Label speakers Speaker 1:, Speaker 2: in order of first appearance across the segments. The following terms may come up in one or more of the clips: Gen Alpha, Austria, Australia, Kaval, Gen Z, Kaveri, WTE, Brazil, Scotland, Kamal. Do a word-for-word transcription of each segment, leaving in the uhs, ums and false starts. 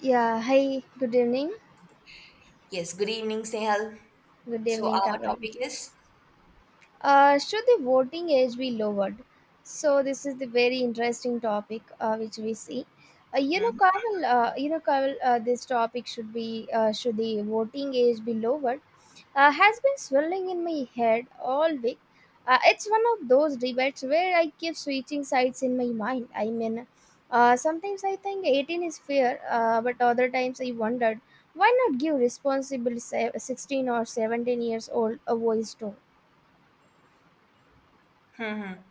Speaker 1: Yeah, hi, good evening.
Speaker 2: Yes, good evening, Snehal.
Speaker 1: Good
Speaker 2: So
Speaker 1: evening,
Speaker 2: our
Speaker 1: Kaveri.
Speaker 2: topic is.
Speaker 1: Uh, should the voting age be lowered? So this is the very interesting topic uh, which we see. Uh, you know, Kaval, uh, you know, Kaval, uh, this topic should be uh, should the voting age be lowered? Uh, has been swirling in my head all week. Uh, it's one of those debates where I keep switching sides in my mind. I mean, uh, sometimes I think eighteen is fair, uh, but other times I wondered why not give responsible se- sixteen or seventeen years old a voice too.
Speaker 2: Mhm.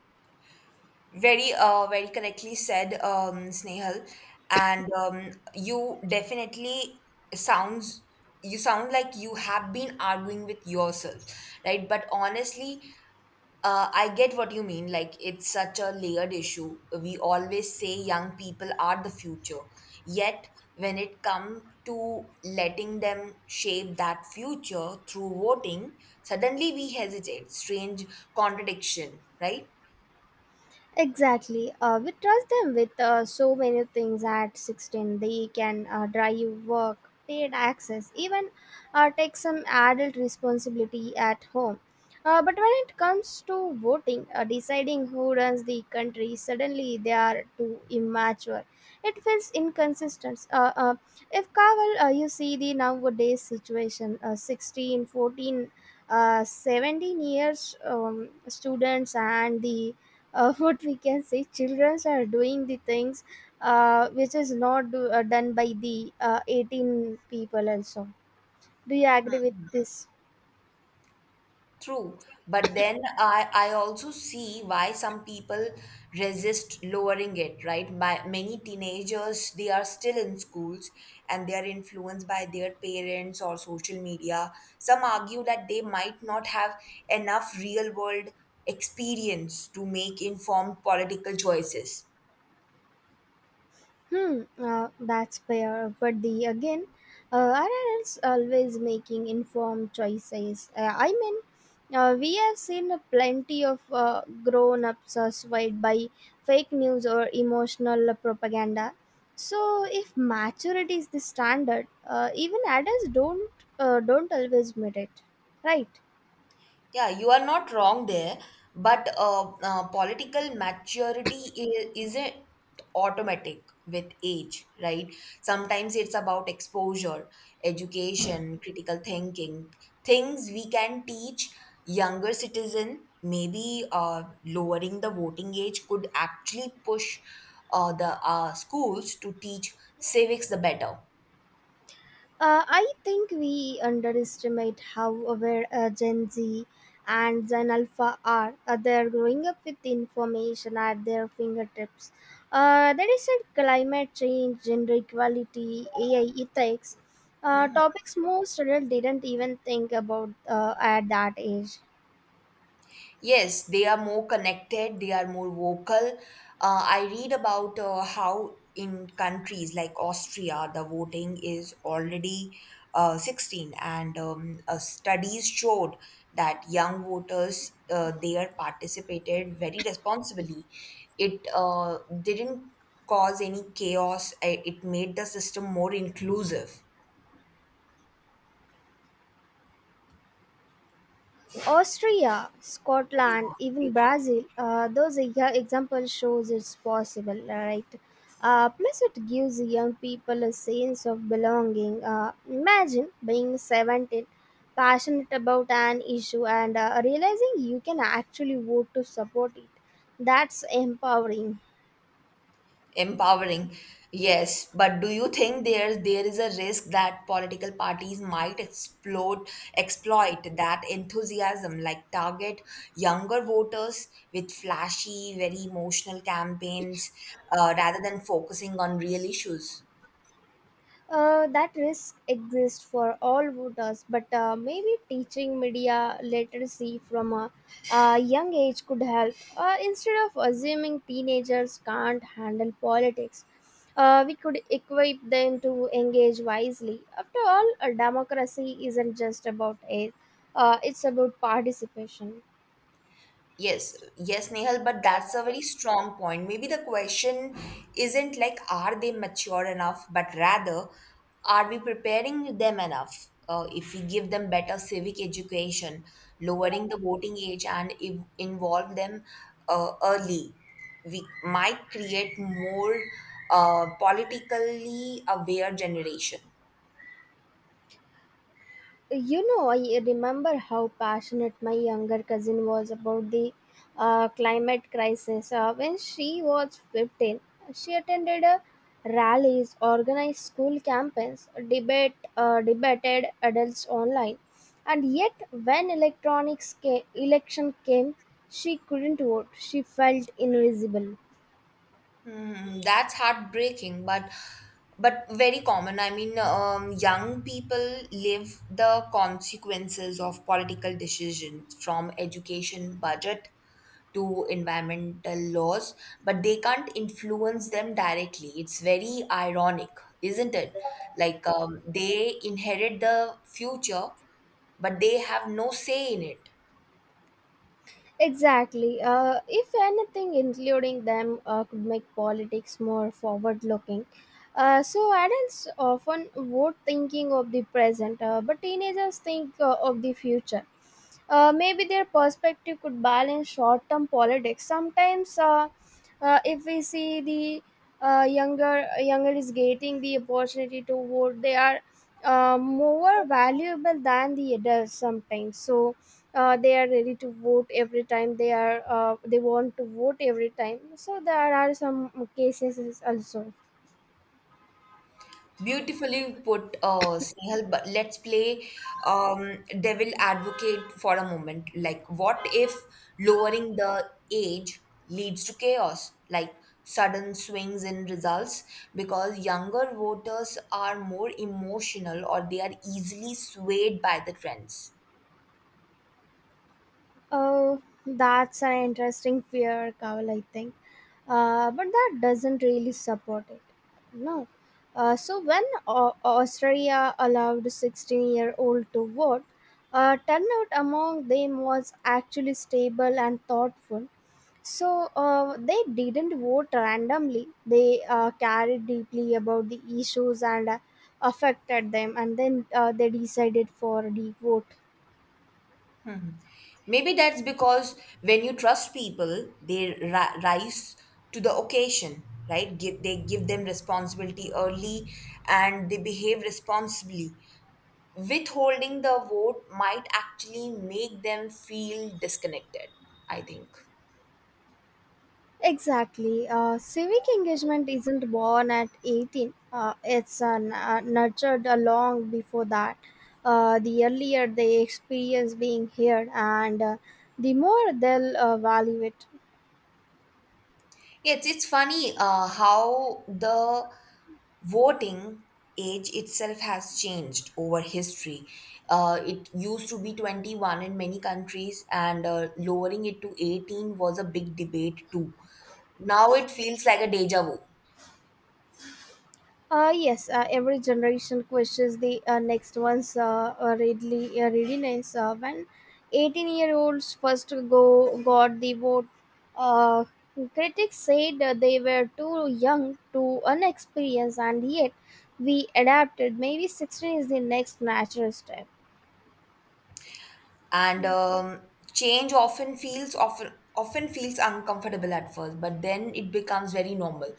Speaker 2: Very uh very correctly said, um, Snehal, and um, you definitely sounds, you sound like you have been arguing with yourself, right? But honestly, Uh, I get what you mean. Like, it's such a layered issue. We always say young people are the future. Yet, when it comes to letting them shape that future through voting, suddenly we hesitate. Strange contradiction, right?
Speaker 1: Exactly. Uh, we trust them with uh, so many things at sixteen. They can uh, drive, work, paid access, even uh, take some adult responsibility at home. Uh, but when it comes to voting, uh, deciding who runs the country, suddenly they are too immature. It feels inconsistent. Uh, uh, if Kaval, uh, you see the nowadays situation, uh, sixteen, fourteen, 14, uh, seventeen years um, students and the uh, what we can say children are doing the things uh, which is not do, uh, done by the uh, eighteen people also. Do you agree with this?
Speaker 2: True, but then I I also see why some people resist lowering it, right? My, many teenagers they are still in schools and they are influenced by their parents or social media. Some argue that they might not have enough real world experience to make informed political choices.
Speaker 1: Hmm, uh, that's fair. But the again, uh, are adults always making informed choices? Uh, I mean, uh, we have seen plenty of uh, grown-ups are swayed by fake news or emotional propaganda. So, if maturity is the standard, uh, even adults don't uh, don't always meet it, right?
Speaker 2: Yeah, you are not wrong there, but uh, uh, political maturity i- isn't automatic with age, right? Sometimes it's about exposure, education, critical thinking, things we can teach younger citizen. Maybe uh, lowering the voting age could actually push uh, the uh, schools to teach civics the better.
Speaker 1: Uh, I think we underestimate how aware uh, Gen Z and Gen Alpha are. Uh, they're growing up with information at their fingertips. Uh, there is a climate change, gender equality, A I ethics, uh,
Speaker 2: Mm-hmm.
Speaker 1: topics most adults didn't even think about uh, at that age.
Speaker 2: Yes, they are more connected, they are more vocal. Uh, I read about uh, how in countries like Austria, the voting is already uh, sixteen, and um, uh, studies showed that young voters uh, they are participated very responsibly. It uh, didn't cause any chaos, I- it made the system more inclusive.
Speaker 1: Austria, Scotland, even Brazil, uh, those are, yeah, example shows it's possible, right? Uh, plus, it gives young people a sense of belonging. Uh, imagine being seventeen, passionate about an issue, and uh, realizing you can actually vote to support it. That's empowering.
Speaker 2: Empowering, yes. But do you think there there is a risk that political parties might explode, exploit that enthusiasm, like target younger voters with flashy, very emotional campaigns, uh, rather than focusing on real issues?
Speaker 1: Uh, that risk exists for all voters, but uh, maybe teaching media literacy from a, a young age could help. Uh, instead of assuming teenagers can't handle politics, uh, we could equip them to engage wisely. After all, a democracy isn't just about age, uh, it's about participation.
Speaker 2: Yes, yes, Nehal, but that's a very strong point. Maybe the question isn't like, are they mature enough, but rather, are we preparing them enough? Uh, if we give them better civic education, lowering the voting age, and if involve them uh, early, we might create more uh, politically aware generation.
Speaker 1: You know, I remember how passionate my younger cousin was about the uh, climate crisis. Uh, when she was fifteen, she attended uh, rallies, organized school campaigns, debate, uh, debated adults online. And yet, when electronics ca- election came, she couldn't vote. She felt invisible.
Speaker 2: Hmm, that's heartbreaking, but but very common. I mean, um, young people live the consequences of political decisions from education budget to environmental laws, but they can't influence them directly. It's very ironic, isn't it? Like um, they inherit the future, but they have no say in it.
Speaker 1: Exactly. Uh, if anything, including them uh, could make politics more forward looking. Uh, so, adults often vote thinking of the present, uh, but teenagers think uh, of the future. Uh, maybe their perspective could balance short term politics. Sometimes, uh, uh, if we see the uh, younger younger is getting the opportunity to vote, they are uh, more valuable than the adults sometimes. So uh, they are ready to vote every time, they are uh, they want to vote every time. So there are some cases also.
Speaker 2: Beautifully put, uh, Snehal, but let's play um, devil advocate for a moment. Like, what if lowering the age leads to chaos, like sudden swings in results, because younger voters are more emotional or they are easily swayed by the trends?
Speaker 1: Oh, that's an interesting fear, Kawal, I think. Uh, but that doesn't really support it. No. Uh, so when Au- Australia allowed sixteen-year-old to vote, uh, turnout among them was actually stable and thoughtful. So uh, they didn't vote randomly. They uh, cared deeply about the issues and uh, affected them, and then uh, they decided for the vote.
Speaker 2: Maybe that's because when you trust people, they ri- rise to the occasion, right? Give, they give them responsibility early and they behave responsibly. Withholding the vote might actually make them feel disconnected, I think.
Speaker 1: Exactly. Uh, civic engagement isn't born at eighteen, uh, it's uh, n- uh, nurtured uh, long before that. Uh, the earlier they experience being heard, and uh, the more they'll uh, value it.
Speaker 2: Yes, it's funny uh, how the voting age itself has changed over history. Uh, it used to be twenty-one in many countries, and uh, lowering it to eighteen was a big debate too. Now it feels like a deja vu.
Speaker 1: Uh, yes, uh, every generation questions the uh, next one's uh, uh, readily, uh, readiness. Uh, when eighteen year olds first go got the vote, uh, critics said uh, they were too young, too unexperienced, and yet we adapted. Maybe sixteen is the next natural step.
Speaker 2: And um, change often feels often often feels uncomfortable at first, but then it becomes very normal.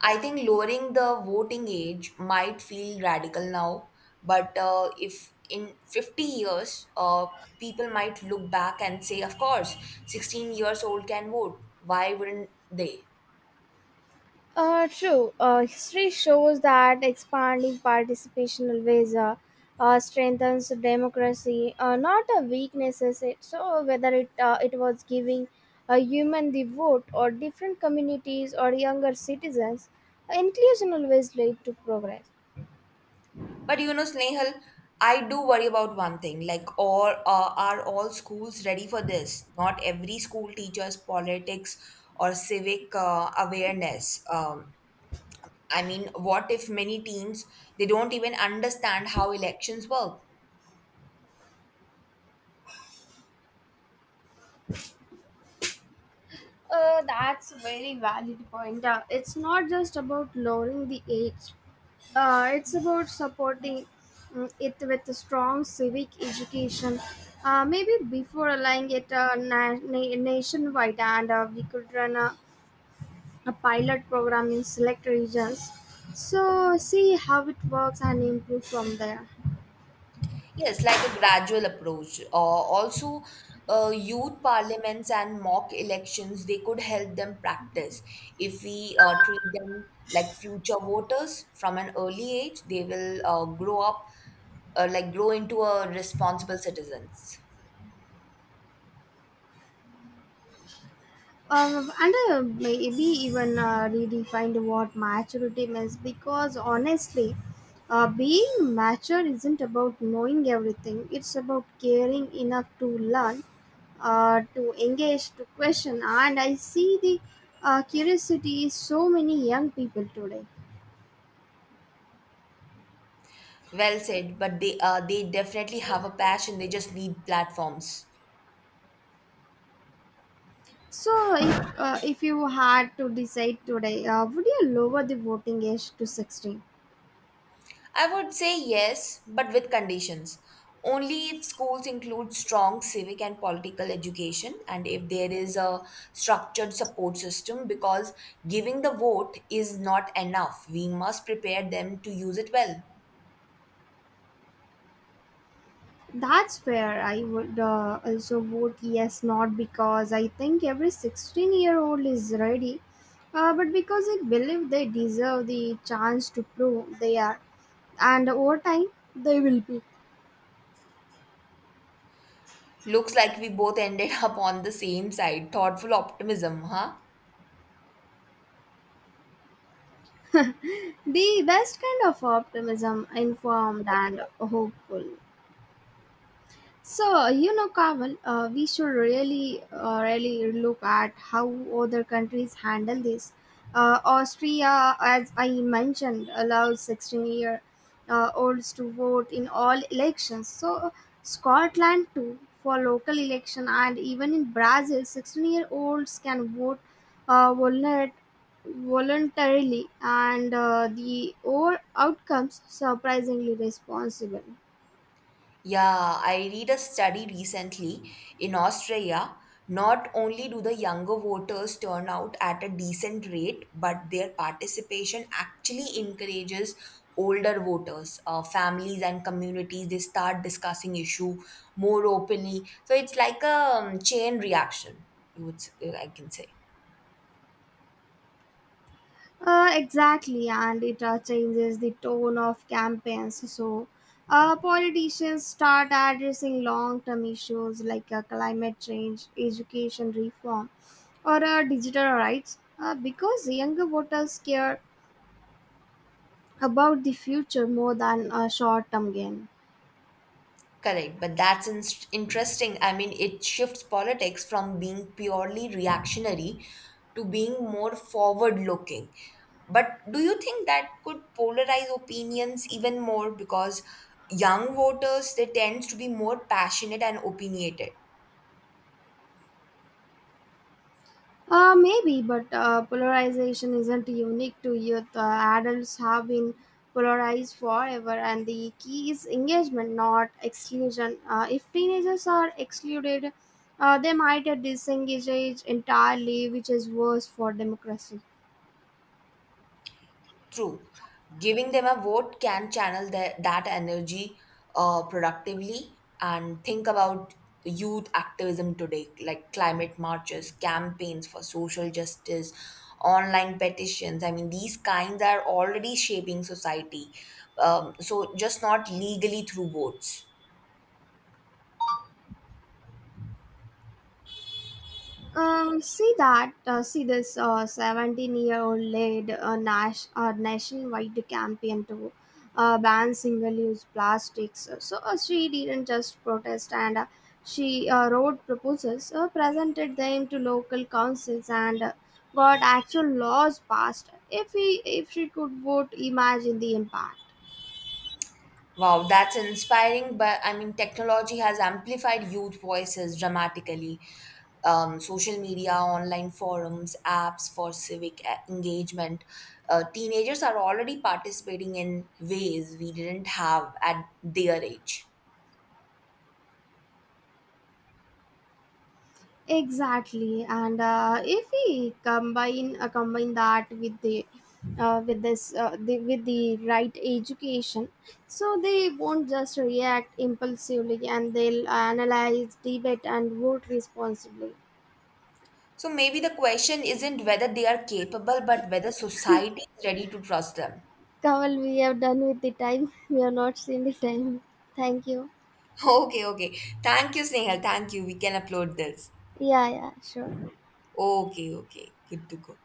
Speaker 2: I think lowering the voting age might feel radical now, but uh, if in fifty years uh, people might look back and say, of course sixteen years old can vote, why wouldn't they?
Speaker 1: Uh, true. Uh, History shows that expanding participation ways uh, uh, strengthens democracy, uh, not a weaknesses. It so whether it uh, it was giving a human the vote or different communities or younger citizens, inclusion always lead to progress.
Speaker 2: But you know, Snehal, I do worry about one thing. Like, all uh, are all schools ready for this? Not every school teaches politics or civic uh, awareness. Um, I mean, what if many teams they don't even understand how elections work?
Speaker 1: Uh, that's a very valid point. Uh, it's not just about lowering the age, uh, it's about supporting mm, it with a strong civic education. Uh, maybe before allowing it uh, na- na- nationwide, and uh, we could run a, a pilot program in select regions. So, see how it works and improve from there.
Speaker 2: Yes, like a gradual approach. Uh, also, uh, youth parliaments and mock elections, they could help them practice. If we uh, treat them like future voters from an early age, they will uh, grow up, uh, like grow into a responsible citizens.
Speaker 1: Um, and uh, maybe even uh, redefined what maturity means, because honestly, uh, being mature isn't about knowing everything, it's about caring enough to learn, uh, to engage, to question. And I see the uh, curiosity in so many young people today.
Speaker 2: Well said, but they uh, they definitely have a passion. They just need platforms.
Speaker 1: So, if, uh, if you had to decide today, uh, would you lower the voting age to sixteen?
Speaker 2: I would say yes, but with conditions. Only if schools include strong civic and political education and if there is a structured support system, because giving the vote is not enough. We must prepare them to use it well.
Speaker 1: That's where I would uh, also vote yes, not because I think every sixteen year old is ready, uh, but because I believe they deserve the chance to prove they are. And over time, they will be.
Speaker 2: Looks like we both ended up on the same side. Thoughtful optimism, huh?
Speaker 1: The best kind of optimism, informed and hopeful. So, you know, Kamal, uh, we should really, uh, really look at how other countries handle this. Uh, Austria, as I mentioned, allows sixteen year uh, olds to vote in all elections. So, Scotland too for local election, and even in Brazil, sixteen year olds can vote uh, voluntar- voluntarily, and uh, the or outcomes surprisingly responsible.
Speaker 2: Yeah, I read a study recently in Australia. Not only do the younger voters turn out at a decent rate, but their participation actually encourages older voters, uh, families, and communities. They start discussing issue more openly. So it's like a um, chain reaction. You would, s- I can say.
Speaker 1: Uh, exactly, and it uh, changes the tone of campaigns. So, uh, politicians start addressing long term issues like uh, climate change, education reform, or uh, digital rights uh, because younger voters care about the future more than a short term gain.
Speaker 2: Correct, but that's in- interesting. I mean, it shifts politics from being purely reactionary to being more forward looking. But do you think that could polarize opinions even more because young voters they tend to be more passionate and opinionated?
Speaker 1: Uh, maybe, but uh, polarization isn't unique to youth. Uh, adults have been polarized forever, and the key is engagement, not exclusion. Uh, if teenagers are excluded, uh, they might disengage entirely, which is worse for democracy.
Speaker 2: True. Giving them a vote can channel their, that energy uh, productively, and think about youth activism today, like climate marches, campaigns for social justice, online petitions. I mean, these kinds are already shaping society. Um, so, just not legally through votes.
Speaker 1: Um, see that, uh, see this uh, seventeen year old led a, nas- a nationwide campaign to uh, ban single use plastics. So uh, she didn't just protest, and uh, she uh, wrote proposals, uh, presented them to local councils, and uh, got actual laws passed. If, we, if she could vote, imagine the impact.
Speaker 2: Wow, that's inspiring. But I mean, technology has amplified youth voices dramatically. Um, social media, online forums, apps for civic uh, engagement. Uh, teenagers are already participating in ways we didn't have at their age.
Speaker 1: Exactly, and uh, if we combine uh, combine that with the uh, with this uh, the, with the right education, so they won't just react impulsively, and they'll analyze, debate, and vote responsibly.
Speaker 2: So maybe the question isn't whether they are capable, but whether society is ready to trust them.
Speaker 1: Kamal, we have done with the time. We have not seen the time. Thank you.
Speaker 2: Okay, okay. Thank you, Snehal. Thank you. We can upload this.
Speaker 1: Yeah, yeah, sure.
Speaker 2: Okay, okay. Good to go.